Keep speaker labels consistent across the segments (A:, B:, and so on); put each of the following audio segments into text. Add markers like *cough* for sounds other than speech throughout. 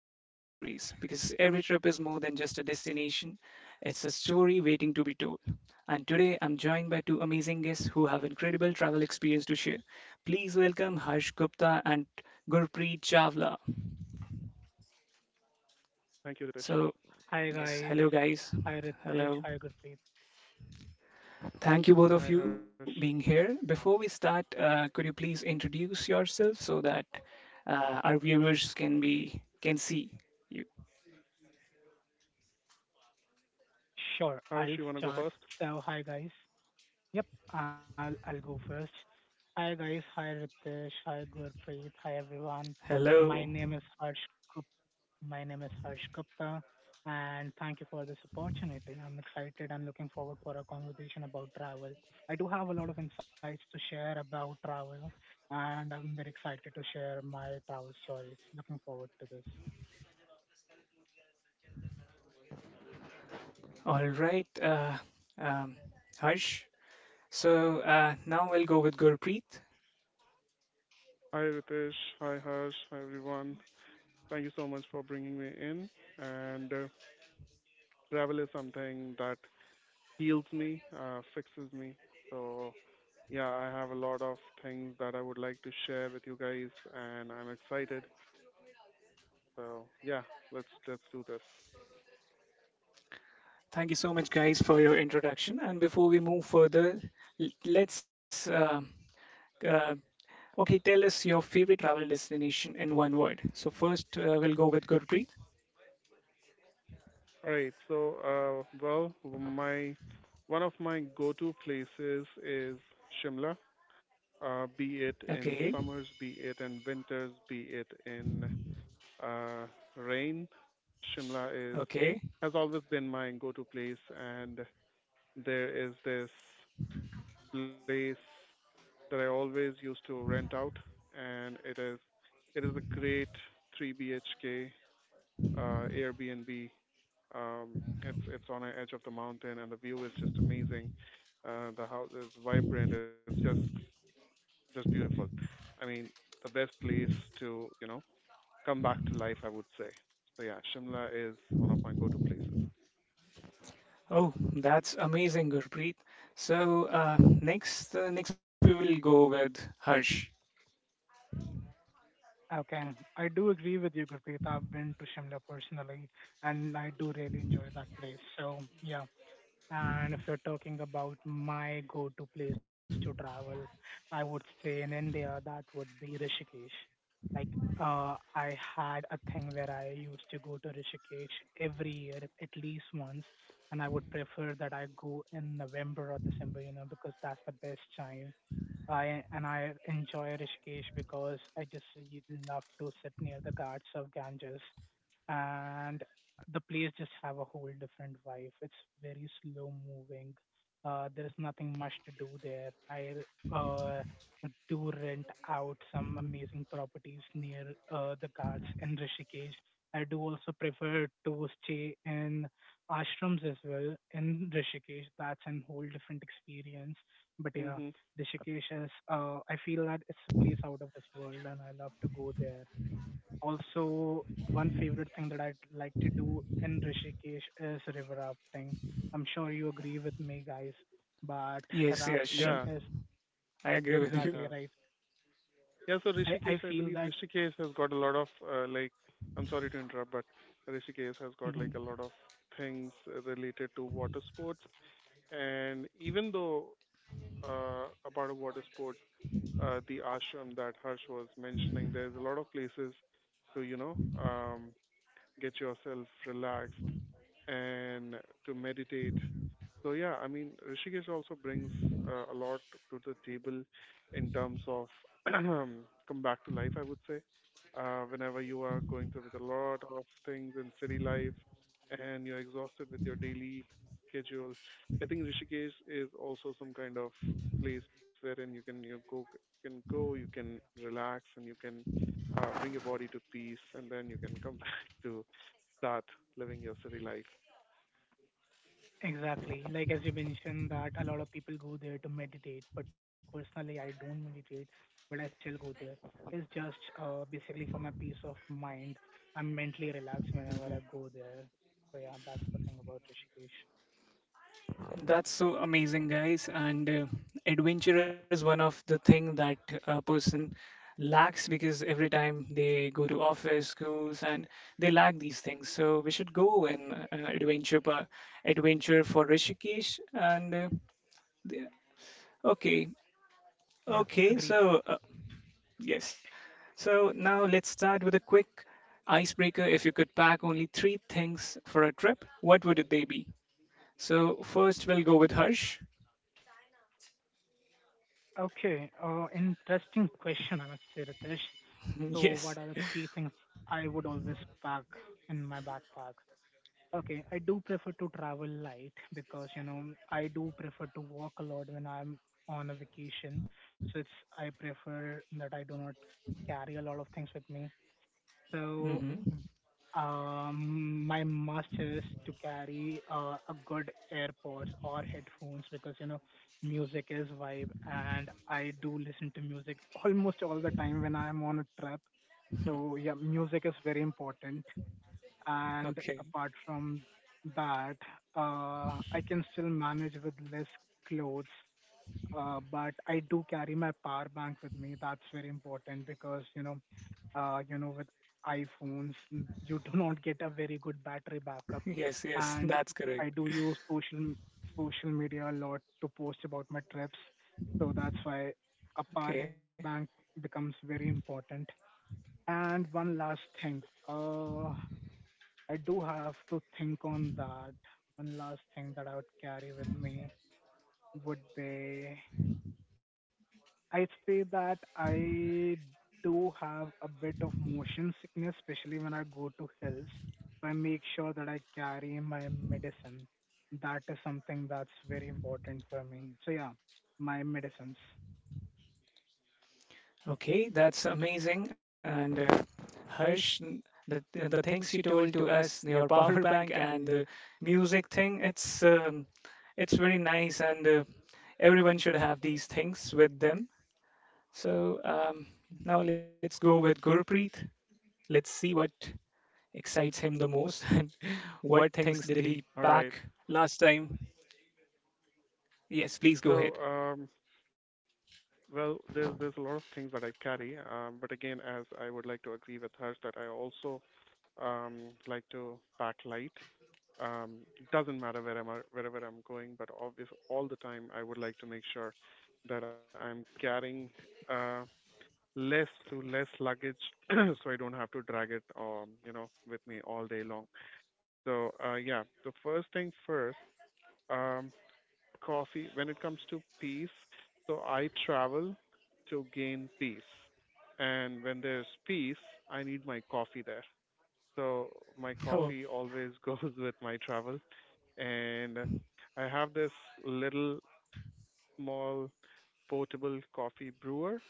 A: travel stories. Because every trip is more than just a destination, it's a story waiting to be told. And today, I'm joined by two amazing guests who have incredible travel experience to share. Please welcome Harsh Gupta and Gurpreet Chawla.
B: Thank you, Ritesh.
A: So,
C: Hi
A: yes, hello,
C: guys.
A: guys.
C: Hi
A: Hello.
C: Ritesh. Hi Gurpreet.
A: Thank you both
B: Hi,
A: of you
B: Harsh.
A: being here. Before we start, could you please introduce yourself so that our viewers can be can see you?
B: Harsh, you
C: Sure,
B: want to go
C: I'll
B: first?
C: start. So hi guys. Yep, I'll go first. Hi guys. Hi Ritesh. Hi Gurpreet. Hi everyone. My
A: Hello.
C: name is Harsh. Gup- My name is Harsh Gupta, and thank you for this opportunity. I'm excited. I'm looking forward for a conversation about travel. I do have a lot of insights to share about travel, and I'm very excited to share my travel stories. Looking forward to this.
A: All right. Um, Harsh. So now we'll go with Gurpreet.
B: Hi, Ritesh. Hi, Harsh. Hi, everyone. Thank you so much for bringing me in. And travel is something that heals me, fixes me. So, yeah, I have a lot of things that I would like to share with you guys, and I'm excited. So, yeah, let's do this.
A: Thank you so much, guys, for your introduction. And before we move further, let's uh, okay tell us your favorite travel destination in one word. So first, we'll go with Gurpreet.
B: All right. So, well, my One of my go-to places is Shimla, be it in
A: Okay.
B: summers, be it in winters, be it in uh, rain. Shimla is
A: Okay.
B: has always been my go-to place, and there is this place that I always used to rent out, and it is a great 3 BHK Airbnb. Um, it's on the edge of the mountain, and the view is just amazing. The house is vibrant. It's just beautiful. I mean, the best place to, you know, come back to life, I would say. So yeah, Shimla is one of my go-to places.
A: Oh, that's amazing, Gurpreet. So next, next we will go with Harsh.
C: Okay. I do agree with you, Gurpreet. I've been to Shimla personally, and I do really enjoy that place. So, yeah. And if you're talking about my go-to place to travel, I would say in India, that would be Rishikesh. Like, I had a thing where I used to go to Rishikesh every year, at least once, and I would prefer that I go in November or December, you know, because that's the best time I and I enjoy Rishikesh because I just y- love to sit near the Ghats of Ganges, and the place just have a whole different vibe. It's very slow moving. There is nothing much to do there. I uh, do rent out some amazing properties near the Ghats in Rishikesh. I do also prefer to stay in ashrams as well in Rishikesh. That's a whole different experience. But yeah,
B: hmm
C: Rishikesh is, I feel that it's a place out of this world, and I love to go there. Also, one favorite thing that I'd like to do in Rishikesh is river rafting. I'm sure you agree with me, guys, but
A: Yes, yes,
B: Yeah,
A: sure.
C: rafting is
A: I agree with you.
B: yeah,
C: exactly right.
B: yeah. So
C: I
B: Rishikesh, I
C: feel
B: believe
C: that
B: Rishikesh has got a lot of I'm sorry to interrupt, but Rishikesh has got
C: mm-hmm.
B: like a lot of things related to water sports. And even though uh, about water sports, the ashram that Harsh was mentioning, there's a lot of places to, you know, um, get yourself relaxed and to meditate. So yeah, I mean, Rishikesh also brings a lot to the table in terms of *clears throat* come back to life, I would say. Whenever you are going through with a lot of things in city life and you're exhausted with your daily schedule, I think Rishikesh is also some kind of place wherein you can go, you can relax, and you can bring your body to peace, and then you can come *laughs* back to start living your city life.
C: Exactly. Like as you mentioned that a lot of people go there to meditate, but personally I don't meditate, but I still go there. It's just basically for my peace of mind. I'm mentally relaxed whenever
B: Mm-hmm.
C: I go there. So yeah, that's the thing about Rishikesh.
A: That's so amazing, guys. And adventure is one of the thing that a person lacks because every time they go to office, schools, and they lack these things. So we should go in adventure, adventure for Rishikesh. And the- okay,
C: Yeah,
A: okay. So
C: agreed.
A: yes. So now let's start with a quick icebreaker. If you could pack only three things for a trip, what would they be? So first we'll go with Harsh.
C: Okay. Interesting question I must say, Ritesh.
A: *laughs*
C: So
A: yes.
C: what are the three things I would always pack in my backpack? Okay, I do prefer to travel light because, you know, I do prefer to walk a lot when I'm on a vacation. So it's I prefer that I do not carry a lot of things with me. So
A: Hmm.
C: my must is to carry a good AirPods or headphones because, you know, music is vibe, and I do listen to music almost all the time when I'm on a trip. So yeah, music is very important. And
A: Okay.
C: apart from that, I can still manage with less clothes, but I do carry my power bank with me. That's very important because, you know, with iPhones, you do *laughs* not get a very good battery backup.
A: *laughs* Yes, yes,
C: And
A: that's correct.
C: I do use social media a lot to post about my trips, so that's why a power
A: Okay.
C: bank becomes very important. And one last thing, uh, I do have to think on that. One last thing that I would carry with me would be I'd say that I do have a bit of motion sickness, especially when I go to hills. So I make sure that I carry my medicine. That is something that's very important for me. So yeah, my medicines.
A: Okay, that's amazing. And Harsh, the things you told to us, *laughs* your power bank and the music thing, it's very nice, and everyone should have these things with them. So now let's go with Gurpreet. Let's see what excites him the most *laughs* and what things did he
B: All right.
A: pack last time. Yes, please go
B: So,
A: ahead.
B: um, there's a lot of things that I carry, but again, as I would like to agree with Harsh that I also like to pack light. It doesn't matter wherever I'm going, but obvious all the time I would like to make sure that I'm carrying uh, less luggage, *clears throat* so I don't have to drag it, you know, with me all day long. So yeah, the first thing first. Um, coffee, when it comes to peace, so I travel to gain peace. And when there's peace, I need my coffee there. So my
A: *laughs* Oh,
B: coffee always *laughs* goes with my travel. And I have this little small portable coffee brewer.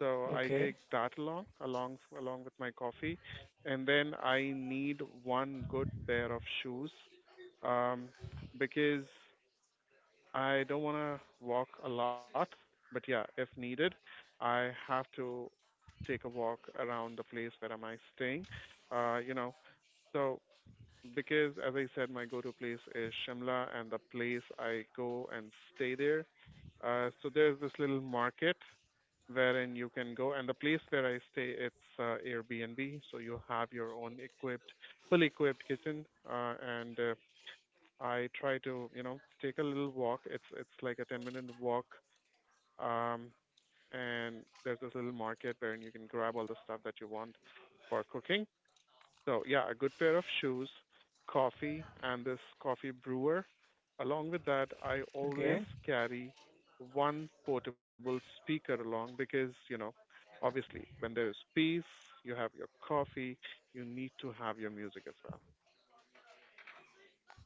B: So I
A: okay,
B: take that along, along with my coffee. And then I need one good pair of shoes. Um, because I don't want to walk a lot, but yeah, if needed, I have to take a walk around the place where am I staying. You know, so because as I said, my go-to place is Shimla, and the place I go and stay there. So there's this little market wherein you can go, and the place where I stay, it's Airbnb, so you have your own equipped, fully equipped kitchen, and I try to, you know, take a little walk. It's like a 10-minute walk. Um, and there's this little market where you can grab all the stuff that you want for cooking. So yeah, a good pair of shoes, coffee, and this coffee brewer. Along with that, I always
A: okay,
B: carry one portable speaker along because, you know, obviously when there is peace, you have your coffee, you need to have your music as well.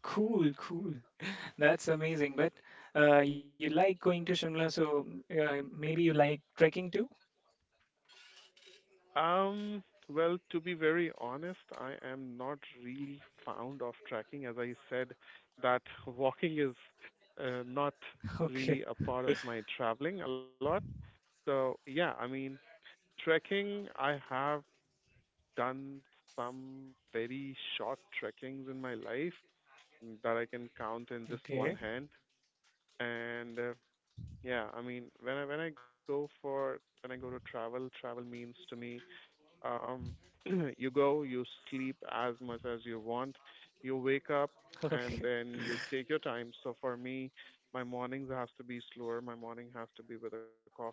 A: cool, cool. *laughs* That's amazing. But you like going to Shimla, so maybe you like trekking too.
B: Um, well, to be very honest, I am not really fond of tracking. As I said, that *laughs* walking is not
A: *laughs* Okay,
B: really a part of my traveling a lot. So, yeah, I mean, trekking, I have done some very short trekkings in my life that I can count in just
A: okay,
B: one hand. And yeah, I mean, when I go for when I go to travel, travel means to me um, *clears throat* you go, you sleep as much as you want, you wake up,
A: okay.
B: and then you take your time. So for me, my mornings has to be slower. My morning has to be with a coffee,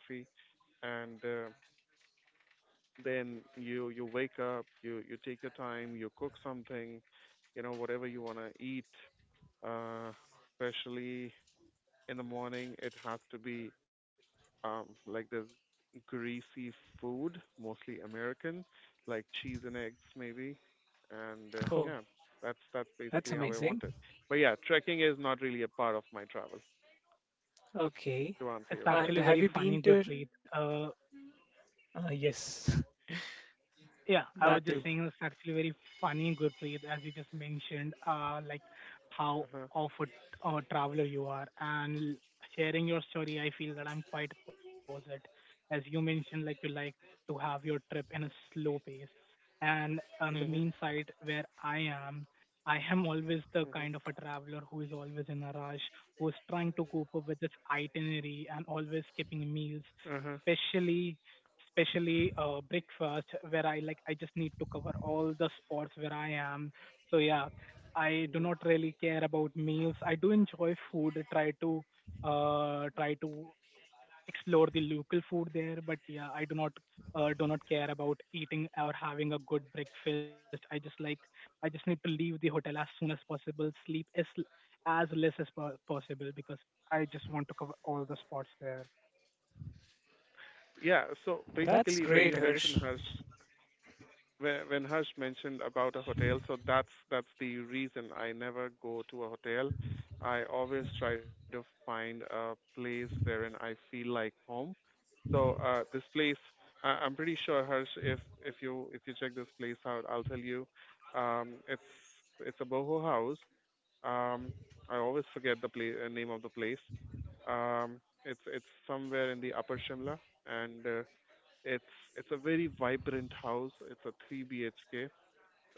B: and then you wake up, you take your time, you cook something, you know whatever you wanna eat. Uh, especially in the morning, it has to be like the greasy food, mostly American, like cheese and eggs maybe. And
A: Oh,
B: yeah, that's
A: that's
B: basically how I
A: amazing.
B: want it. But yeah, trekking is not really a part of my travel,
A: Okay,
B: to answer
C: It's
B: your
A: and
C: actually
B: question.
A: have
C: very
A: you been
C: funny,
A: to?
C: Gurpreet. Uh,
A: Yes,
C: Yeah,
A: *laughs* that
C: I was
A: too.
C: just saying it's actually very funny, Gurpreet, as you just mentioned, like how
B: Uh-huh.
C: of a traveler you are, and sharing your story, I feel that I'm quite opposite. As you mentioned, like you like to have your trip in a slow pace, and on the
B: Mhm.
C: mean side where am, I am always the
B: Mhm.
C: kind of a traveler who is always in a rush, who is trying to cope up with its itinerary and always skipping meals,
B: Uh-huh.
C: especially especially breakfast where I I just need to cover all the spots where I am. So yeah, I do
B: Mhm.
C: not really care about meals. I do enjoy food. Try to explore the local food there, but yeah, I do not care about eating or having a good breakfast. I just like I just need to leave the hotel as soon as possible. Sleep as possible because I just want to cover all the spots there.
B: Yeah, so
A: That's
B: basically when
A: great,
B: you mention
A: Hirsch.
B: Harsh When Harsh mentioned about a hotel, so that's the reason I never go to a hotel. I always try to find a place wherein I feel like home. So this place, I'm pretty sure Harsh, if you check this place out, I'll tell you. Um, it's it's a boho house. Um, I always forget the name of the place. Um, it's somewhere in the Upper Shimla, and it's a very vibrant house. It's a 3 BHK,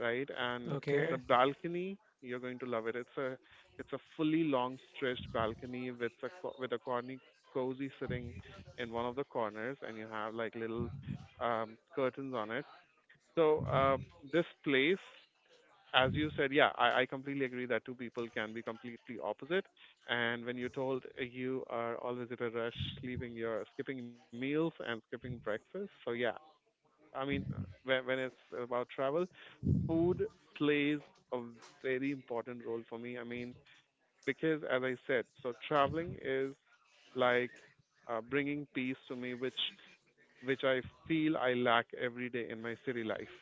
B: right? And
A: Okay,
B: the balcony, you're going to love it. It's a fully long stretched balcony with a with a corny cozy sitting in one of the corners, and you have like little curtains on it. So this place, as you said, yeah, I completely agree that two people can be completely opposite. And when you're told you are always at a rush, leaving your skipping meals and skipping breakfast, so yeah, I mean when it's about travel, food plays a very important role for me. I mean, because as I said, so traveling is like bringing peace to me, which I feel I lack every day in my city life.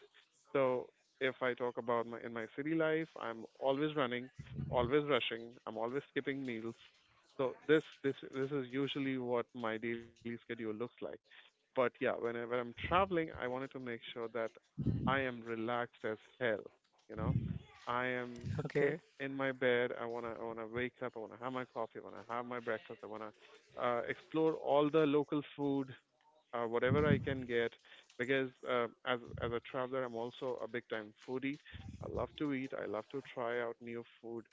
B: So if I talk about my city life, I'm always running, always rushing, I'm always skipping meals. So this is usually what my daily schedule looks like. But yeah, when I'm traveling, I wanted to make sure that I am relaxed as hell. You know, I am
A: okay.
B: in my bed. I wanna wake up. I wanna have my coffee. I wanna have my breakfast. I wanna explore all the local food, whatever I can get, because as a traveler, I'm also a big time foodie. I love to eat. I love to try out new food.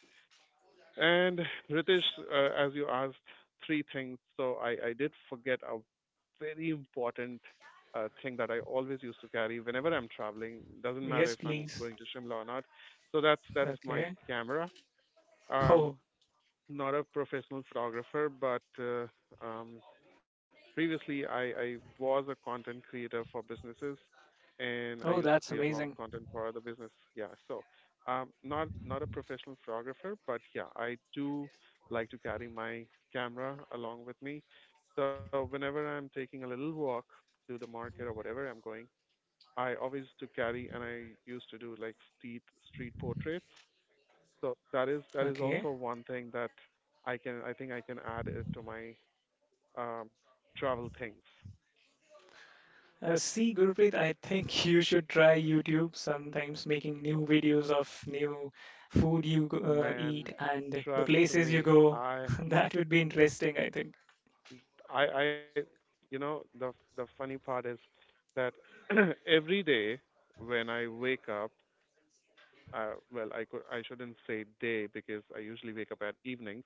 B: And Ritesh, as you asked, three things. So I did forget a very important thing that I always used to carry whenever I'm traveling. Doesn't matter
A: Yes,
B: if I'm
A: please.
B: going to Shimla or not. So that's my
A: Okay.
B: camera. Um,
A: Oh,
B: not a professional photographer, but um, previously, I was a content creator for businesses and
A: oh,
B: I used
A: that's
B: to create a lot of
A: amazing.
B: content for other business. Yeah, so not not a professional photographer, but yeah, I do like to carry my camera along with me. So whenever I'm taking a little walk to the market or whatever I'm going, I always to carry and I used to do like street portraits. So that is
A: Okay.
B: also one thing that I think I can add it to my travel things.
A: See, Gurupreet, I think *laughs* you should try YouTube sometimes making new videos of new food you
B: Man,
A: eat and the
B: trust
A: places you
B: me,
A: go. *laughs* That would be interesting, I think.
B: I, I, you know, the funny part is that *clears throat* every day when I wake up, well, I could, I shouldn't say day because I usually wake up at evenings.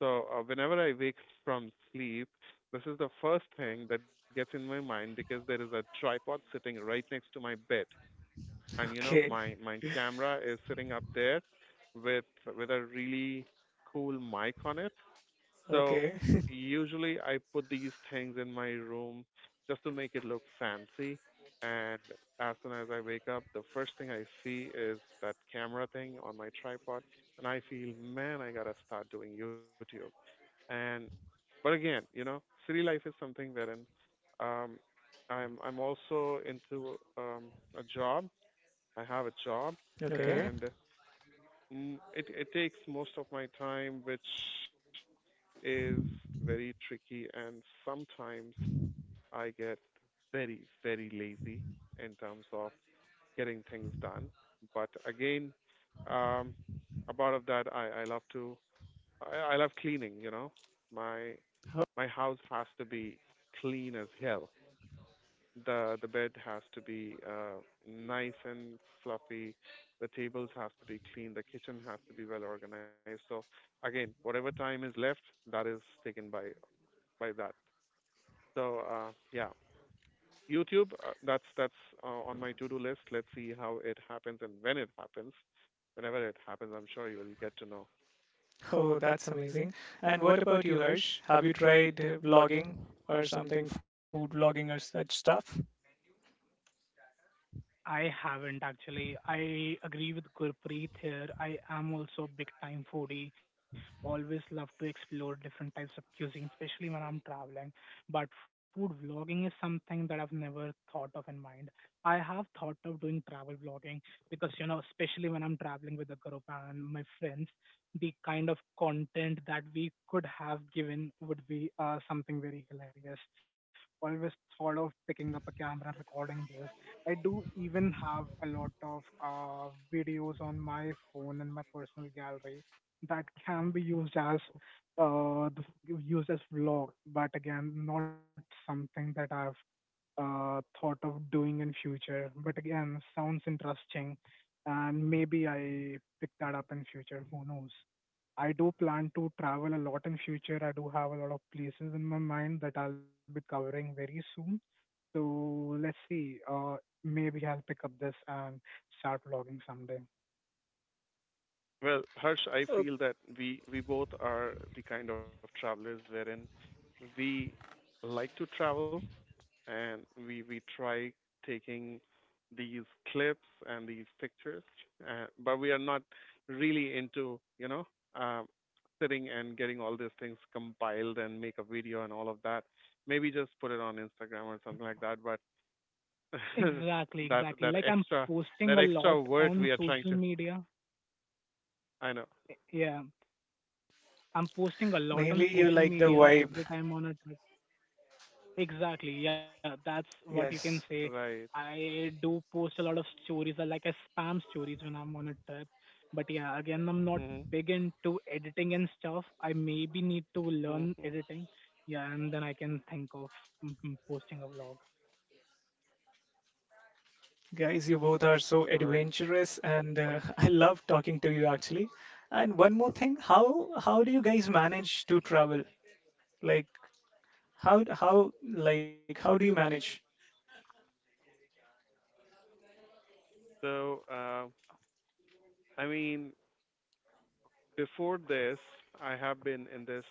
B: So whenever I wake from sleep, this is the first thing that gets in my mind because there is a tripod sitting right next to my bed, and you know,
A: Okay,
B: my camera is sitting up there with a really cool mic on it. So
A: okay, *laughs*
B: usually I put these things in my room just to make it look fancy. And as soon as I wake up, the first thing I see is that camera thing on my tripod, and I feel, man, I gotta start doing YouTube. And but again, you know, city life is something wherein um, I'm also into a job. I have a job,
A: okay.
B: and mm, it takes most of my time, which is very tricky and sometimes I get very, very lazy in terms of getting things done. But again, um, a part of that I love to I love cleaning, you know. My
A: Oh,
B: my house has to be clean as hell. The bed has to be nice and fluffy. The tables have to be clean. The kitchen has to be well organized. So again, whatever time is left, that is taken by that. So YouTube. That's on my to-do list. Let's see how it happens and when it happens. Whenever it happens, I'm sure you will get to know.
A: oh, that's amazing. And what about you, Harsh? Have you tried vlogging or something, food vlogging or such stuff?
C: I haven't actually. I agree with Gurpreet here. I am also a big time foodie. Always love to explore different types of cuisine, especially when I'm traveling. But food vlogging is something that I've never thought of in mind. I have thought of doing travel vlogging because, you know, especially when I'm traveling with a group and my friends, the kind of content that we could have given would be something very hilarious. Always thought of picking up a camera and recording this. I do even have a lot of videos on my phone and my personal gallery that can be used as uh, the- used as vlog, but again, not something that I've thought of doing in future. But again, sounds interesting, and maybe I pick that up in future. Who knows? I do plan to travel a lot in future. I do have a lot of places in my mind that I'll be covering very soon. So let's see. Maybe I'll pick up this and start vlogging someday.
B: Well, Harsh,
A: Oh,
B: I feel that we both are the kind of travelers wherein we like to travel, and we try taking these clips and these pictures, but we are not really into um, sitting and getting all these things compiled and make a video and all of that. Maybe just put it on Instagram or something like that. But *laughs*
C: Exactly,
B: that
C: exactly. Like I'm posting
B: that
C: a lot
B: extra work
C: on
B: we are trying
C: social
B: to.
C: media.
B: I know,
C: Yeah, I'm posting a lot on
A: mainly
C: social
A: the
C: media
A: vibe.
C: every time on a trip. Exactly. Yeah, that's what you can say.
A: Yes,
B: right?
C: I do post a lot of stories, or like I spam stories when I'm on a trip. But yeah, again, I'm not
B: Mhm.
C: big into editing and stuff. I maybe need to learn
B: Mhm.
C: editing. Yeah, and then I can think of posting a vlog.
A: guys, you both are so
B: Right.
A: adventurous, and *laughs* I love talking to you actually. And one more thing, how do you guys manage to travel? Like how do you manage?
B: So, uh, I mean, before this, I have been in this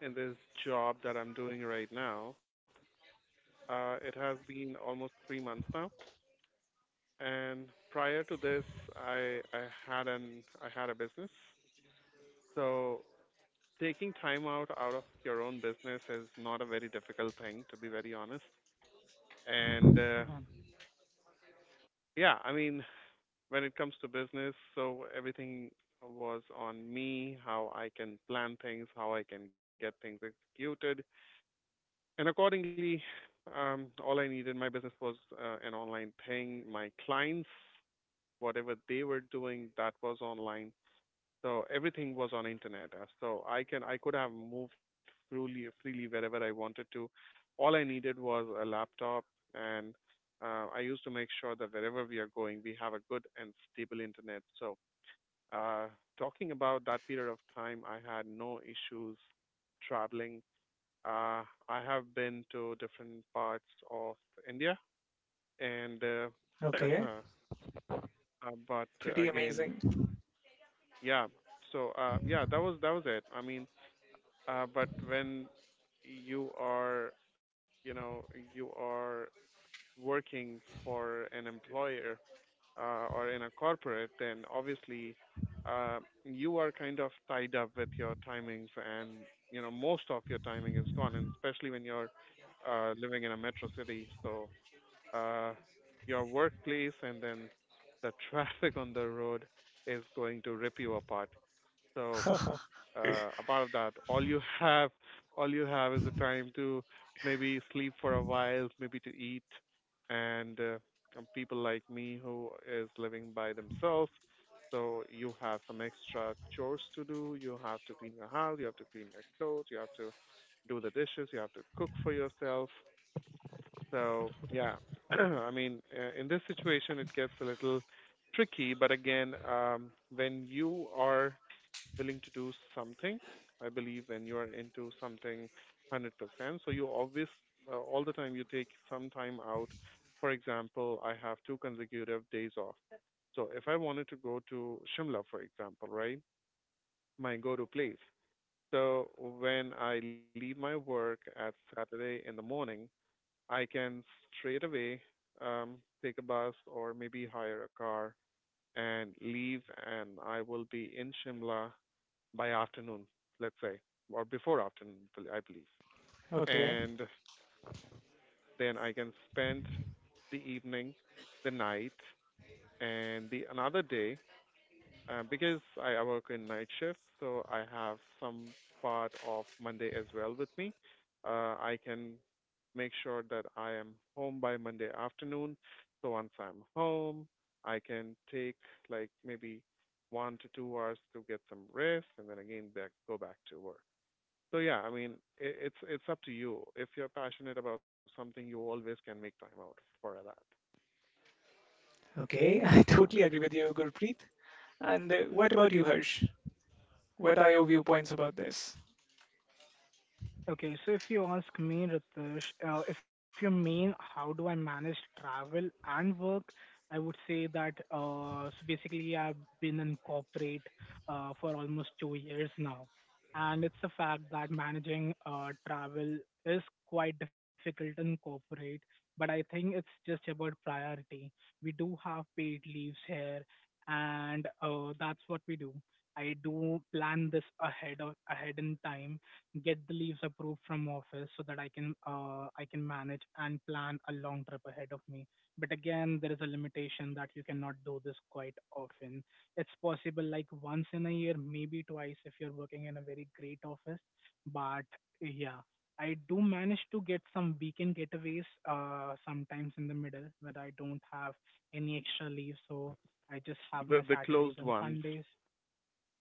B: in this job that I'm doing right now. It has been almost 3 months now, and prior to this, I had a business. So taking time out of your own business is not a very difficult thing, to be very honest. And
C: Mm-hmm.
B: yeah, I mean, when it comes to business, so everything was on me, how I can plan things, how I can get things executed. And accordingly, all I needed my business was an online thing. My clients, whatever they were doing, that was online. So everything was on internet. So I could have moved freely wherever I wanted to. All I needed was a laptop, and I used to make sure that wherever we are going, we have a good and stable internet. So uh, talking about that period of time, I had no issues traveling. uh, I have been to different parts of India, and *clears throat*
A: Okay,
B: uh, but
A: pretty
B: again,
A: amazing.
B: yeah. So that was it. I mean, but when you are, you know, you are working for an employer or in a corporate, then obviously uh, you are kind of tied up with your timings, and you know most of your timing is gone, and especially when you're living in a metro city. So uh, your workplace and then the *laughs* traffic on the road is going to rip you apart. So
A: *laughs*
B: a part of that, all you have is the time to maybe sleep for a while, maybe to eat, and people like me who is living by themselves. So you have some extra chores to do. You have to clean your house. You have to clean your clothes. You have to do the dishes. You have to cook for yourself. So yeah, *clears throat* I mean, in this situation, it gets a little tricky. But again, when you are willing to do something, I believe when you are into something 100%, so you always, all the time, you take some time out. For example, I have two consecutive days off. So if I wanted to go to Shimla, for example, right, my go-to place. So when I leave my work at Saturday in the morning, I can straight away um, take a bus or maybe hire a car and leave, and I will be in Shimla by afternoon, let's say, or before afternoon, I believe. And
A: Okay,
B: then I can spend the evening, the night, and the another day because I work in night shift, so I have some part of Monday as well with me. I can make sure that I am home by Monday afternoon. So once I'm home, I can take like maybe 1 to 2 hours to get some rest and then again back, go back to work. So yeah, I mean, I it's up to you. If you're passionate about something, you always can make time out for that.
A: okay, I *laughs* totally agree with you, Gurpreet. And what about you, Harsh? What are your viewpoints about this?
C: Okay, so if you ask me, Ritesh, if you mean how do I manage travel and work, I would say that so basically I've been in corporate for almost 2 years now, and it's a fact that managing travel is quite difficult in corporate, but I think it's just about priority. We do have paid leaves here, and that's what we do. I do plan this ahead of, ahead in time get the leaves approved from office so that I can manage and plan a long trip ahead of me. But again, there is a limitation that you cannot do this quite often. It's possible like once in a year, maybe twice if you're working in a very great office. But yeah, I do manage to get some weekend getaways sometimes in the middle when I don't have any extra leave, so I just have my
B: The
C: Saturdays
B: closed
C: and
B: ones.
C: Sundays.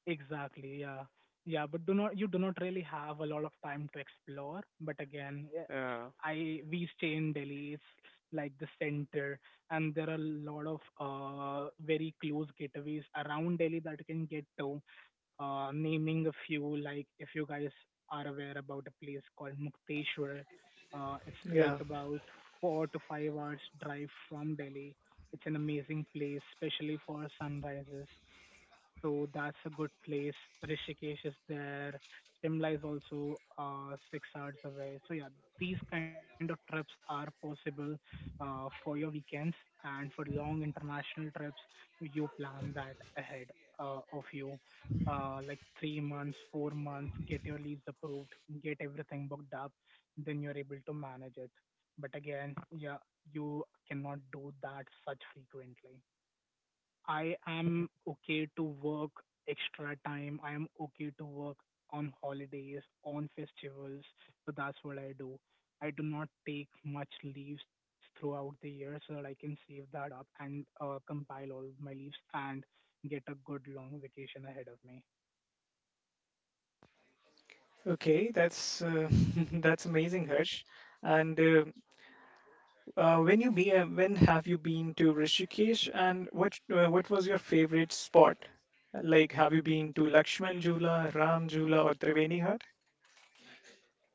C: Exactly, yeah. Yeah, but do not you do not really have a lot of time to explore. But again, eh,
B: Yeah.
C: I we stay in Delhi, it's like the center, and there are a lot of very close gateways around Delhi that you can get to. Naming a few, like if you guys are aware about a place called Mukteshwar, it's like
A: Yeah,
C: about 4 to 5 hours drive from Delhi. It's an amazing place, especially for sunrises. So that's a good place. Rishikesh is there. Shimla is also 6 hours away. So yeah, these kind of trips are possible for your weekends and for long international trips. You plan that ahead of you, like 3 months, 4 months. Get your leaves approved, get everything booked up, then you're able to manage it. But again, yeah, you cannot do that such frequently. I am okay to work extra time. I am okay to work on holidays, on festivals. So that's what I do. I do not take much leaves throughout the year so that I can save that up, and compile all my leaves and get a good long vacation ahead of me.
A: okay, that's *laughs* that's amazing, Harsh. And when you when have you been to Rishikesh, and what was your favorite spot? Like, have you been to Lakshman Jula, Ram Jula, or Triveni Ghat?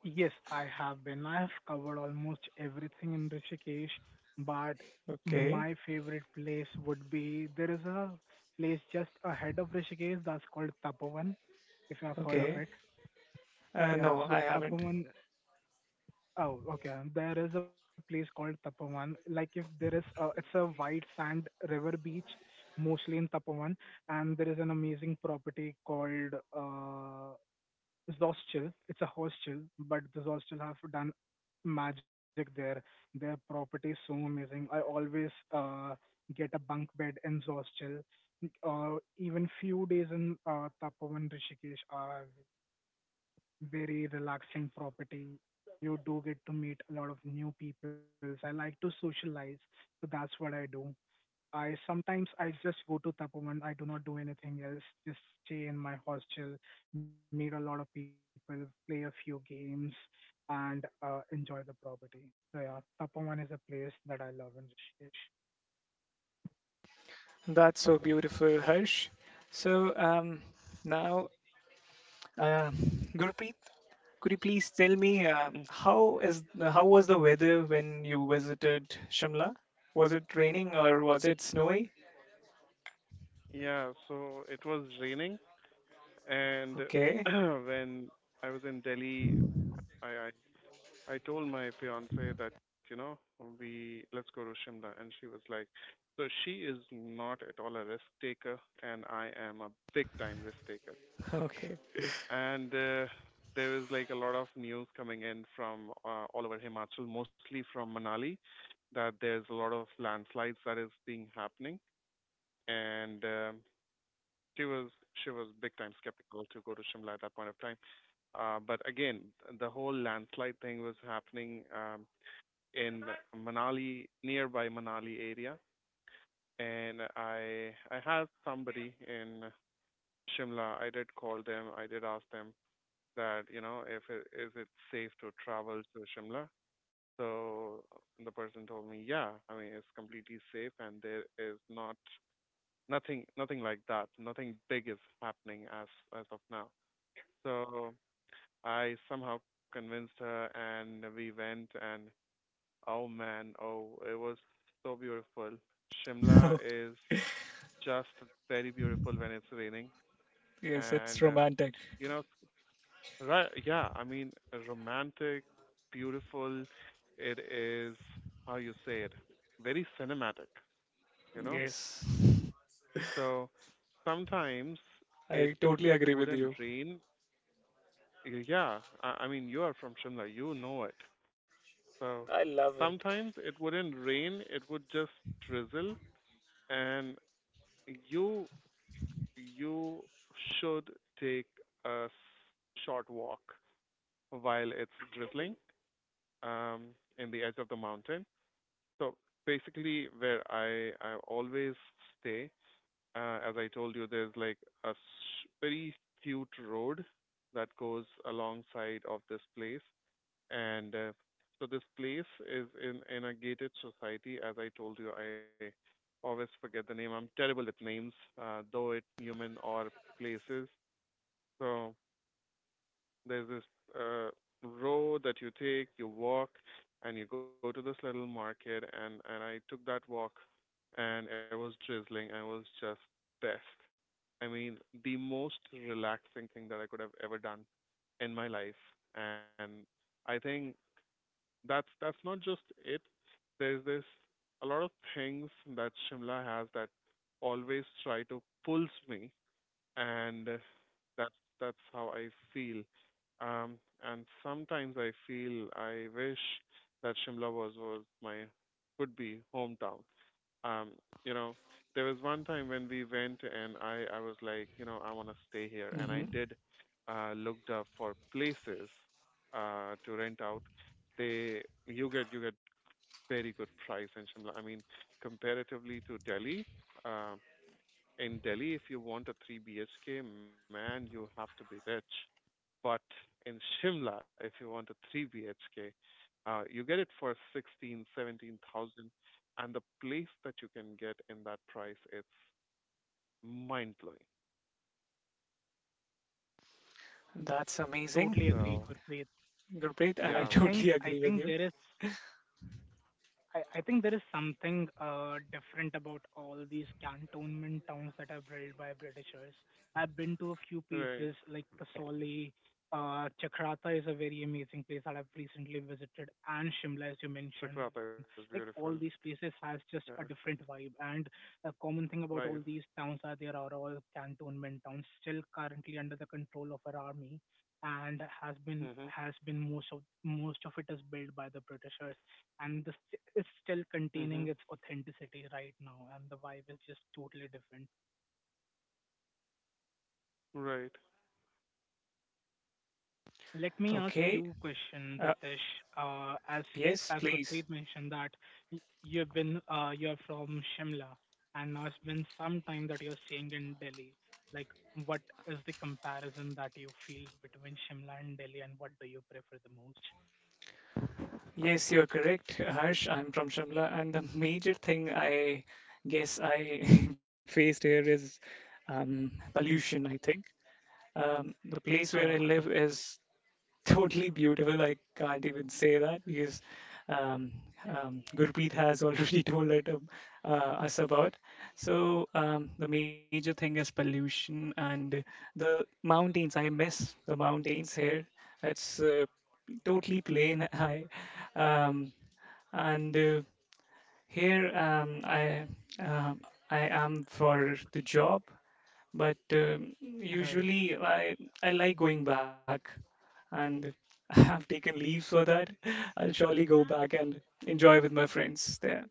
C: Yes, I have been. I have covered almost everything in Rishikesh, but
A: Okay,
C: my favorite place would be there is a place just ahead of Rishikesh that's called Tapovan, if you have heard of
A: okay.
C: it. Yeah,
A: No,
C: so
A: I haven't.
C: Tapovan. Oh, okay. There is a place called Tapovan. Like if there is, a, it's a white sand river beach, mostly in Tapovan, and there is an amazing property called Zostel. It's a hostel, but the Zostel have done magic there. Their property is so amazing. I always get a bunk bed in Zostel. Even few days in Tapovan Rishikesh are very relaxing property. You do get to meet a lot of new people. I like to socialize, so that's what I do. I sometimes I just go to Tapovan. I do not do anything else. Just stay in my hostel, meet a lot of people, play a few games, and enjoy the property. So yeah, Tapovan is a place that I love in Rishikesh.
A: That's so beautiful, Harsh. So now, uh, Gurpreet, could you please tell me
B: Mm.
A: how was the weather when you visited Shimla? Was it raining or was it snowy?
B: Yeah, so it was raining and
A: Okay,
B: *clears throat* when I was in Delhi, I I I told my fiance that, you know, we let's go to Shimla and she was like, so she is not at all a risk taker and I am a big time risk taker.
A: *laughs* okay,
B: And there was like a lot of news coming in from all over Himachal, mostly from Manali, that there's a lot of landslides that is being happening, and she was she was big time skeptical to go to Shimla at that point of time. But again, the whole landslide thing was happening in Manali, nearby Manali area, and I had somebody in Shimla. I did call them. I did ask them that, you know, if it, is it safe to travel to Shimla. So the person told me, yeah, I mean it's completely safe and there is not nothing like that. Nothing big is happening as of now. So I somehow convinced her and we went and oh man, oh it was so beautiful. Shimla
A: *laughs*
B: is just very beautiful when it's raining
A: yes, it's
B: and
A: romantic.
B: you know. Right, yeah, I mean, romantic, beautiful. It is, how you say it, very cinematic, you know?
A: Yes, *laughs*
B: So sometimes it
A: I totally agree with
B: wouldn't
A: you.
B: rain. Yeah, I mean, you are from Shimla, you know it.
A: I
B: So
A: love it.
B: sometimes it wouldn't rain, it would just drizzle, and you you should take a s- short walk while it's drizzling um, in the edge of the mountain. So basically, where I always stay, as I told you, there's like very cute road that goes alongside of this place, and so this place is in a gated society. As I told you, I always forget the name. I'm terrible with names, though it human or places. So there's this uh, road that you take, you walk, and you go to this little market. And I took that walk, and it was drizzling. I was just best. I mean, the most relaxing thing that I could have ever done in my life. And I think that's not just it. There's this a lot of things that Shimla has that always try to pulls me and that's that's how I feel. Um, and sometimes I feel I wish that Shimla was my could be hometown. Um, you know, there was one time when we went and I was like, you know, I want to stay here, and
A: Hmm.
B: I did looked up for places to rent out. They You get very good price in Shimla. I mean, comparatively to Delhi, uh, in Delhi, if you want a 3 BHK, man, you have to be rich. But in Shimla, if you want a 3 BHK, you get it for 16, 17,000, and the place that you can get in that price, it's mind blowing.
A: That's
C: Totally agree,
A: amazing,
B: So
C: Gurpreet.
A: Gurpreet, and I *laughs*
C: I
B: yeah,
C: think
A: totally
C: I
A: agree with
C: think
A: you.
C: there is. I think there is something different about all these cantonment towns that are built by Britishers. I've been to a few
B: right.
C: places like Kasauli, Chakrata is a very amazing place that I've recently visited, and Shimla, as you
B: Chakrata
C: mentioned.
B: is
C: Like
B: beautiful.
C: all these places has
B: Yeah,
C: just a different vibe. And a common thing about
B: right.
C: all these towns are they are all cantonment towns, still currently under the control of our army, and has been
B: Mhm.
C: has been most of it is built by the Britishers, and this is still
B: Mhm.
C: containing its authenticity right now, and the vibe is just totally different.
B: Right.
C: Let me ask
A: Okay.
C: you a question,
A: Uh,
C: Ritesh. Uh, as
A: yes,
C: as
A: please.
C: Gurpreet mentioned that you've been you're from Shimla, and now it's been some time that you're staying in Delhi. Like, what is the comparison that you feel between Shimla and Delhi, and what do you prefer the most?
A: Yes, you're correct, Harsh. I'm from Shimla, and the major thing I guess I *laughs* faced here is pollution. I think um, the place where I
C: Oh,
A: live is totally beautiful. I can't even say that because um, Gurpreet has already *laughs* told it, us about. So the major thing is pollution and the mountains. I miss the mountains here. It's totally plain. *laughs* I um, and here uh, I am for the job but
C: *laughs* right.
A: usually I like going back, and *laughs* I have taken leave so that *laughs* I'll surely go back and enjoy with my friends there.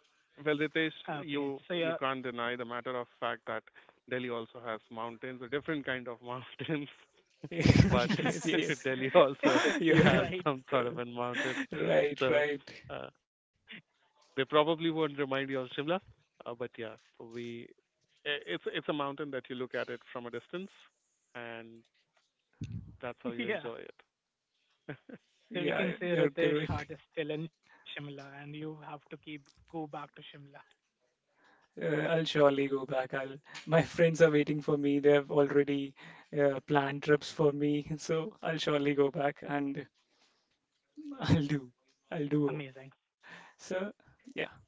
B: Well, Ritesh, you
C: Okay. So you're
B: can't deny the matter of fact that Delhi also has mountains, a different kind of *laughs* mountains.
A: *laughs*
B: But
A: Yes,
C: *laughs*
A: yes,
B: *laughs* Delhi also
A: you're
C: right.
B: has some sort of a mountain,
A: *laughs* right,
B: so
A: right.
B: uh, they probably won't remind you of Shimla. But yeah, we it's a mountain that you look at it from a distance, and
C: Yeah.
B: that's how you enjoy it.
C: So we
A: Yeah,
C: can say
A: you're
C: Ritesh
A: correct.
C: Hart is still in Shimla and you have to keep go back to Shimla.
A: I'll surely go back. I'll. My friends are waiting for me. They have already planned trips for me, *laughs* so I'll surely go back and I'll do. I'll do.
C: Amazing.
A: So, yeah.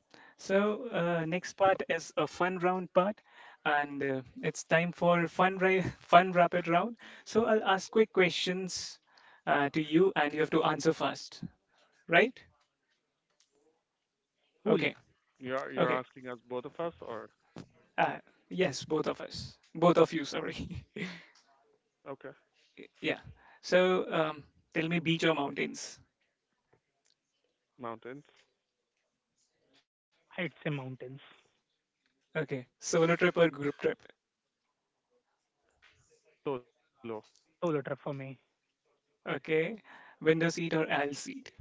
A: So, next part is a fun round part, and it's time for fun *laughs* fun rapid round. So, I'll ask quick questions to you, and you have to answer fast, right?
C: Cool.
A: Okay,
B: *laughs* you're
A: okay.
B: asking us both of us, or
A: Uh, yes, both of us, both of you. Sorry.
B: okay,
A: *laughs* yeah. So, tell me, beach or mountains?
B: mountains,
C: I'd say mountains.
A: Okay. Solo trip or group trip?
B: solo.
C: Solo trip for me.
A: Okay. Window seat or aisle seat?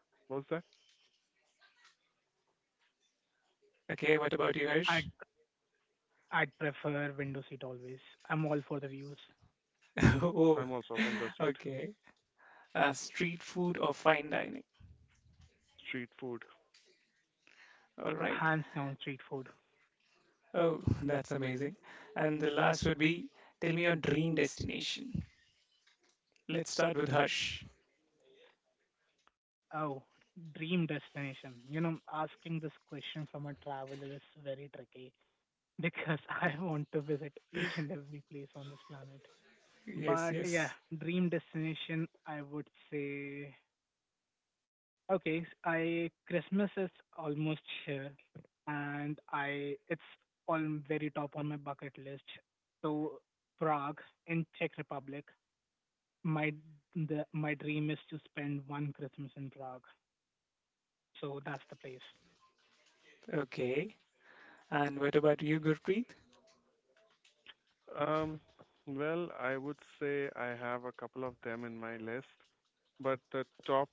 B: What was that?
A: Okay. What about you,
C: I'd
A: Hirsch?
C: I'd prefer window seat always. I'm all for the views.
A: *laughs* oh,
B: I'm also
A: *laughs*
B: window seat.
A: okay. As street food or fine dining.
B: Street food.
A: All right.
C: Hands down street food.
A: Oh, *laughs* that's amazing. And the last would be tell me your dream destination. Let's start with Hush.
C: Oh, dream destination. You know, asking this question from a traveler is very tricky because *laughs* I want to visit each and every place on this planet.
A: Yes,
C: But yeah,
A: yes.
C: dream destination I would say, okay, I Christmas is almost here, and I it's all very top on my bucket list. So Prague in Czech Republic, my the my dream is to spend one Christmas in Prague. So that's the place.
A: Okay. And what about you, Gurpreet?
B: Um, well, I would say I have a couple of them in my list, but the top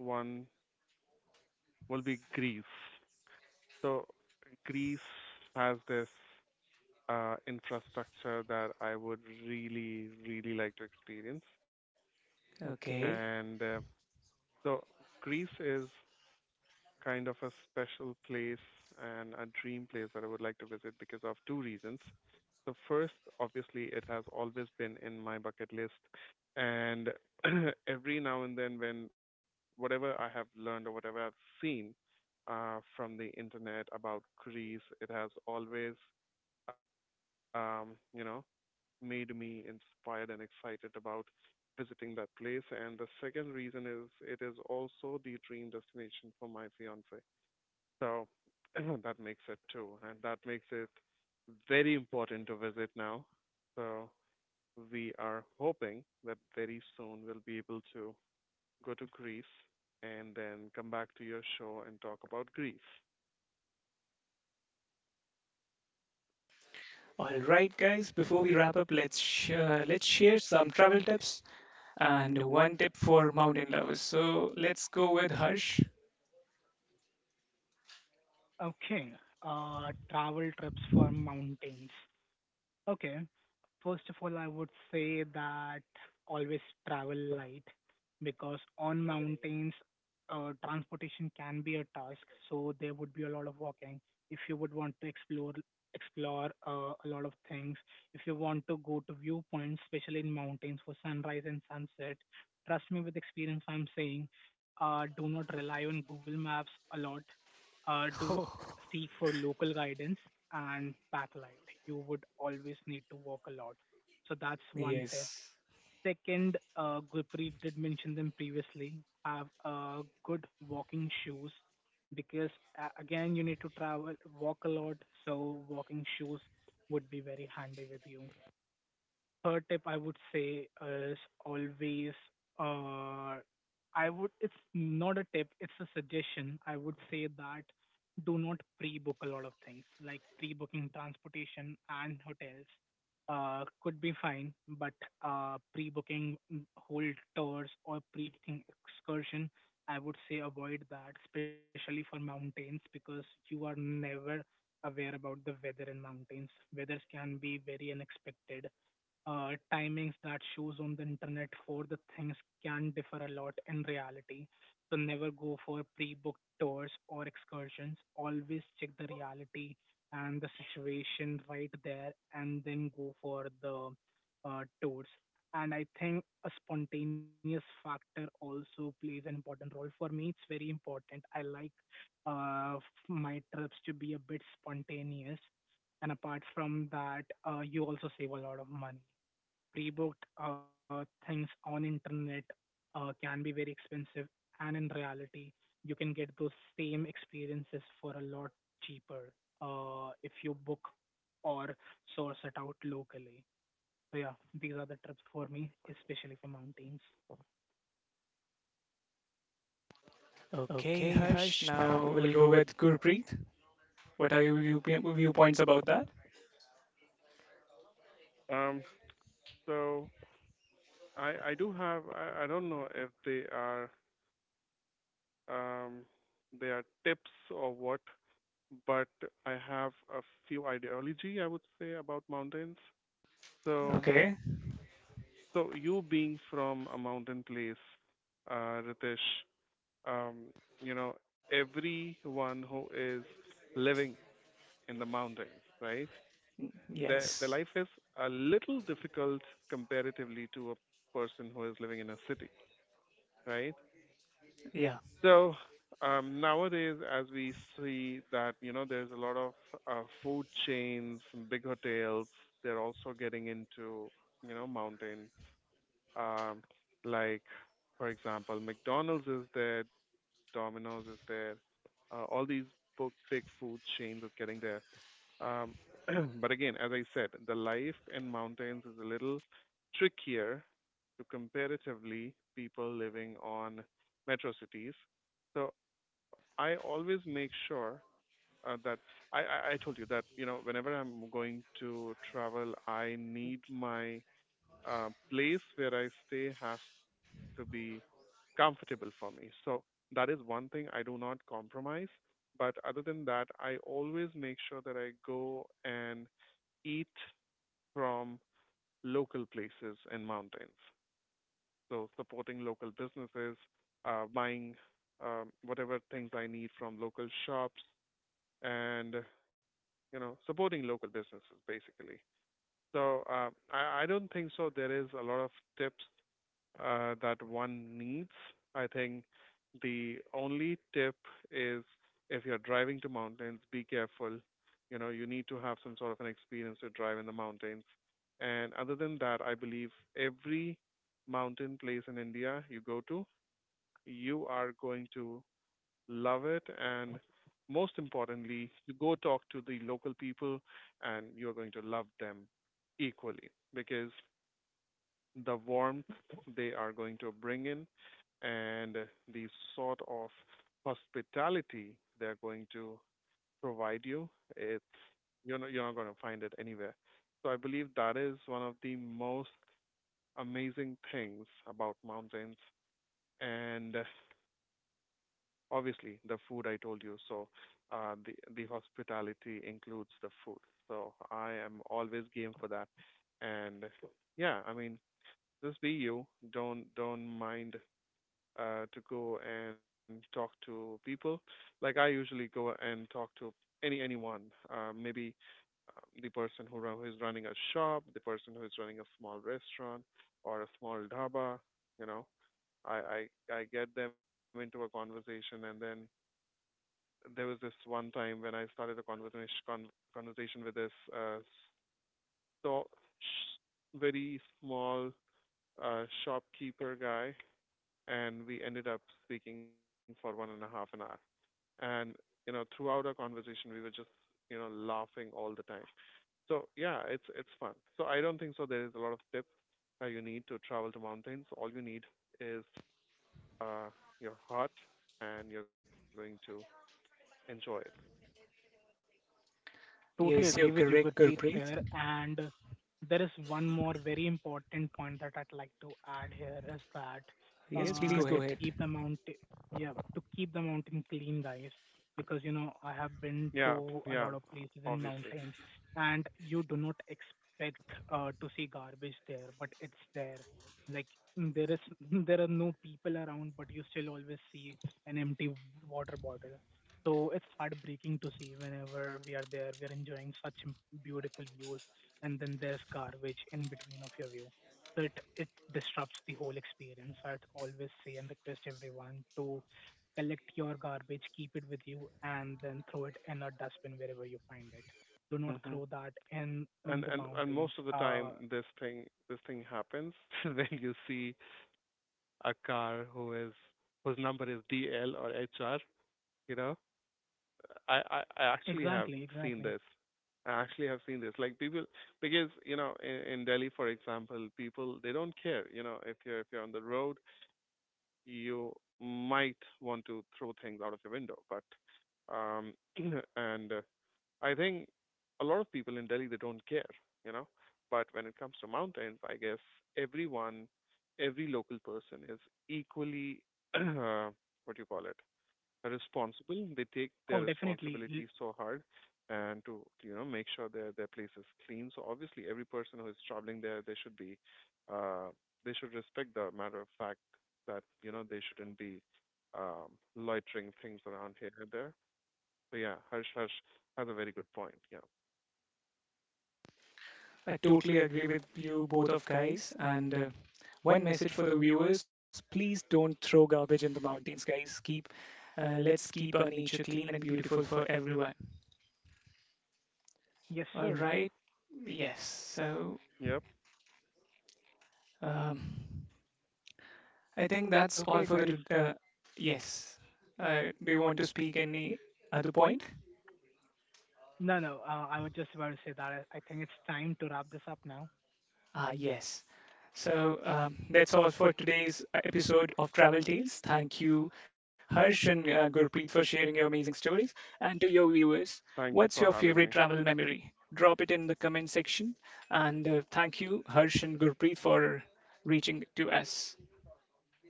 B: one will be Greece. So Greece has this infrastructure that I would really, really like to experience.
A: Okay.
B: And so Greece is kind of a special place and a dream place that I would like to visit because of two reasons. The first, obviously, it has always been in my bucket list. And *clears throat* every now and then, when whatever I have learned or whatever I've seen from the internet about Greece, it has always, you know, made me inspired and excited about visiting that place. And the second reason is it is also the dream destination for my fiance, so *clears throat* that makes it two, and that makes it very important to visit now. So we are hoping that very soon we'll be able to go to Greece and then come back to your show and talk about Greece.
A: All right, guys. Before we wrap up, let's share some travel tips and one tip for mountain lovers. So let's go with Harsh.
C: Okay, travel trips for mountains. Okay. First of all, I would say that always travel light because on mountains, transportation can be a task, so there would be a lot of walking. If you would want to explore a lot of things, if you want to go to viewpoints, especially in mountains for sunrise and sunset, trust me with experience, I'm saying, do not rely on Google Maps a lot.
A: *laughs* Oh,
C: Do seek for local guidance and backlight. You would always need to walk a lot. So that's one tip.
A: yes.
C: Second, Gurpreet did mention them previously. Have good walking shoes because again you need to travel, walk a lot. So walking shoes would be very handy with you. Third tip I would say is always, uh I would, it's not a tip, it's a suggestion. I would say that do not pre-book a lot of things like pre-booking transportation and hotels could be fine, but pre-booking whole tours or pre-booking excursion I would say avoid that, especially for mountains, because you are never aware about the weather in mountains. Weathers can be very unexpected. Timings that shows on the internet for the things can differ a lot in reality. So never go for pre-booked tours or excursions. Always check the reality and the situation right there, and then go for the tours. And I think a spontaneous factor also plays an important role for me. It's very important. I like uh, f- my trips to be a bit spontaneous, and apart from that you also save a lot of money. Pre-booked things on internet can be very expensive, and in reality you can get those same experiences for a lot cheaper if you book or source it out locally. So yeah, these are the trips for me, especially for mountains.
A: Okay, Harsh. Now we'll go with Gurpreet. What are your viewpoints about that?
B: Um, so I do have I don't know if they are um they are tips or what, but I have a few ideology I would say about mountains. So
A: Okay.
B: so you being from a mountain place, Ritesh, um, you know, everyone who is living in the mountains, right? Their
A: Yes.
B: life is a little difficult comparatively to a person who is living in a city, right?
A: Yeah.
B: So nowadays, as we see that you know, there's a lot of food chains, big hotels. They're also getting into mountains, um, like for example, McDonald's is there, Domino's is there, all these big food chains is getting there. Um, *clears throat* but again, as I said, the life in mountains is a little trickier to comparatively people living on metro cities. So I always make sure that I, I I told you that whenever I'm going to travel, I need my place where I stay has to be comfortable for me. So that is one thing I do not compromise. But other than that, I always make sure that I go and eat from local places and mountains. So supporting local businesses, buying whatever things I need from local shops, and supporting local businesses basically. So I don't think so. There is a lot of tips that one needs. I think the only tip is if you're driving to mountains, be careful. You know, you need to have some sort of an experience to drive in the mountains. And other than that, I believe every mountain place in India you go to, you are going to love it. And most importantly, you go talk to the local people and you're going to love them equally because the warmth they are going to bring in and the sort of hospitality they're going to provide you, it's you're not going to find it anywhere. So I believe that is one of the most amazing things about mountains. And obviously the food, I told you. So the hospitality includes the food, so I am always game for that. And yeah, I mean, just be you, don't mind to go and talk to people. Like I usually go and talk to anyone, maybe the who is running a shop, the person who is running a small restaurant or a small dhaba, you know. i I get them into a conversation. And then there was this one time when I started a conversation with this so very small, shopkeeper guy, and we ended up speaking for one and a half an hour. And you know, throughout our conversation, we were just laughing all the time. So yeah, it's fun. So I don't think so. There is a lot of tips you need to travel to mountains. All you need is uh, your heart, and you're going to enjoy it.
A: Yes,
C: Totally
A: you're
C: agree with
A: correct,
C: you, Gurpreet,
A: Gurpreet.
C: here. And there is one more very important point that I'd like to add here is that
A: Yes, please go ahead.
C: to keep the mountain, yeah, to keep the mountain clean, guys. Because you know I have been
B: Yeah,
C: to a
B: yeah,
C: lot of places in
B: obviously.
C: mountains, and you do not expect to see garbage there, but it's there. Like, there is, *laughs* there are no people around, but you still always see an empty water bottle. So it's heartbreaking to see whenever we are there, we are enjoying such beautiful views, and then there's garbage in between of your view. So it disrupts the whole experience. I'd always say and request everyone to collect your garbage, keep it with you, and then throw it in a dustbin wherever you find it. Do not
B: Hmm.
C: throw that in
B: And
C: the
B: and and
C: mountains.
B: most of the time, this thing happens *laughs* when you see a car whose number is DL or HR, you know. I actually
C: Exactly,
B: have
C: exactly.
B: seen this. I actually have seen this. Like people, because you know, in Delhi for example, people, they don't care, you know. If you're on the road, you might want to throw things out of your window. But um *clears throat* and I think a lot of people in Delhi, they don't care, you know. But when it comes to mountains, I guess everyone, every local person is equally *clears throat* uh, what do you call it, responsible. They take
C: Oh,
B: their
C: definitely. L-
B: responsibilities so hard and to make sure their place is clean. So obviously, every person who is traveling there, they should be uh, they should respect the matter of fact that you know they shouldn't be loitering things around here and there. So yeah, Harsh has a very good point. Yeah.
A: I totally agree with you both of guys. And one message for the viewers: please don't throw garbage in the mountains, guys. Keep, let's keep our nature clean and beautiful for everyone.
C: Yes,
A: All
C: sir.
A: right. Yes. So
B: Yep.
A: um, I think that's all
C: Okay,
A: for
C: guys.
A: yes. Do you want to speak any other point?
C: No, no. I was just about to say that I think it's time to wrap this up now.
A: Ah, yes. So that's all for today's episode of Travel Tales. Thank you, Harsh and Gurpreet, for sharing your amazing stories. And to your viewers,
B: Thank you for
A: what's your
B: having me.
A: favorite travel memory? Drop it in the comment section. And thank you, Harsh and Gurpreet, for reaching to us.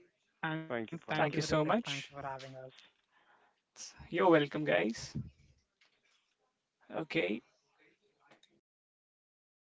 B: Thank you for having
C: Thank you,
B: us.
A: Thank
C: Ritesh.
A: you so
C: Thank you for
A: much.
C: having us.
A: You're welcome, guys. Okay,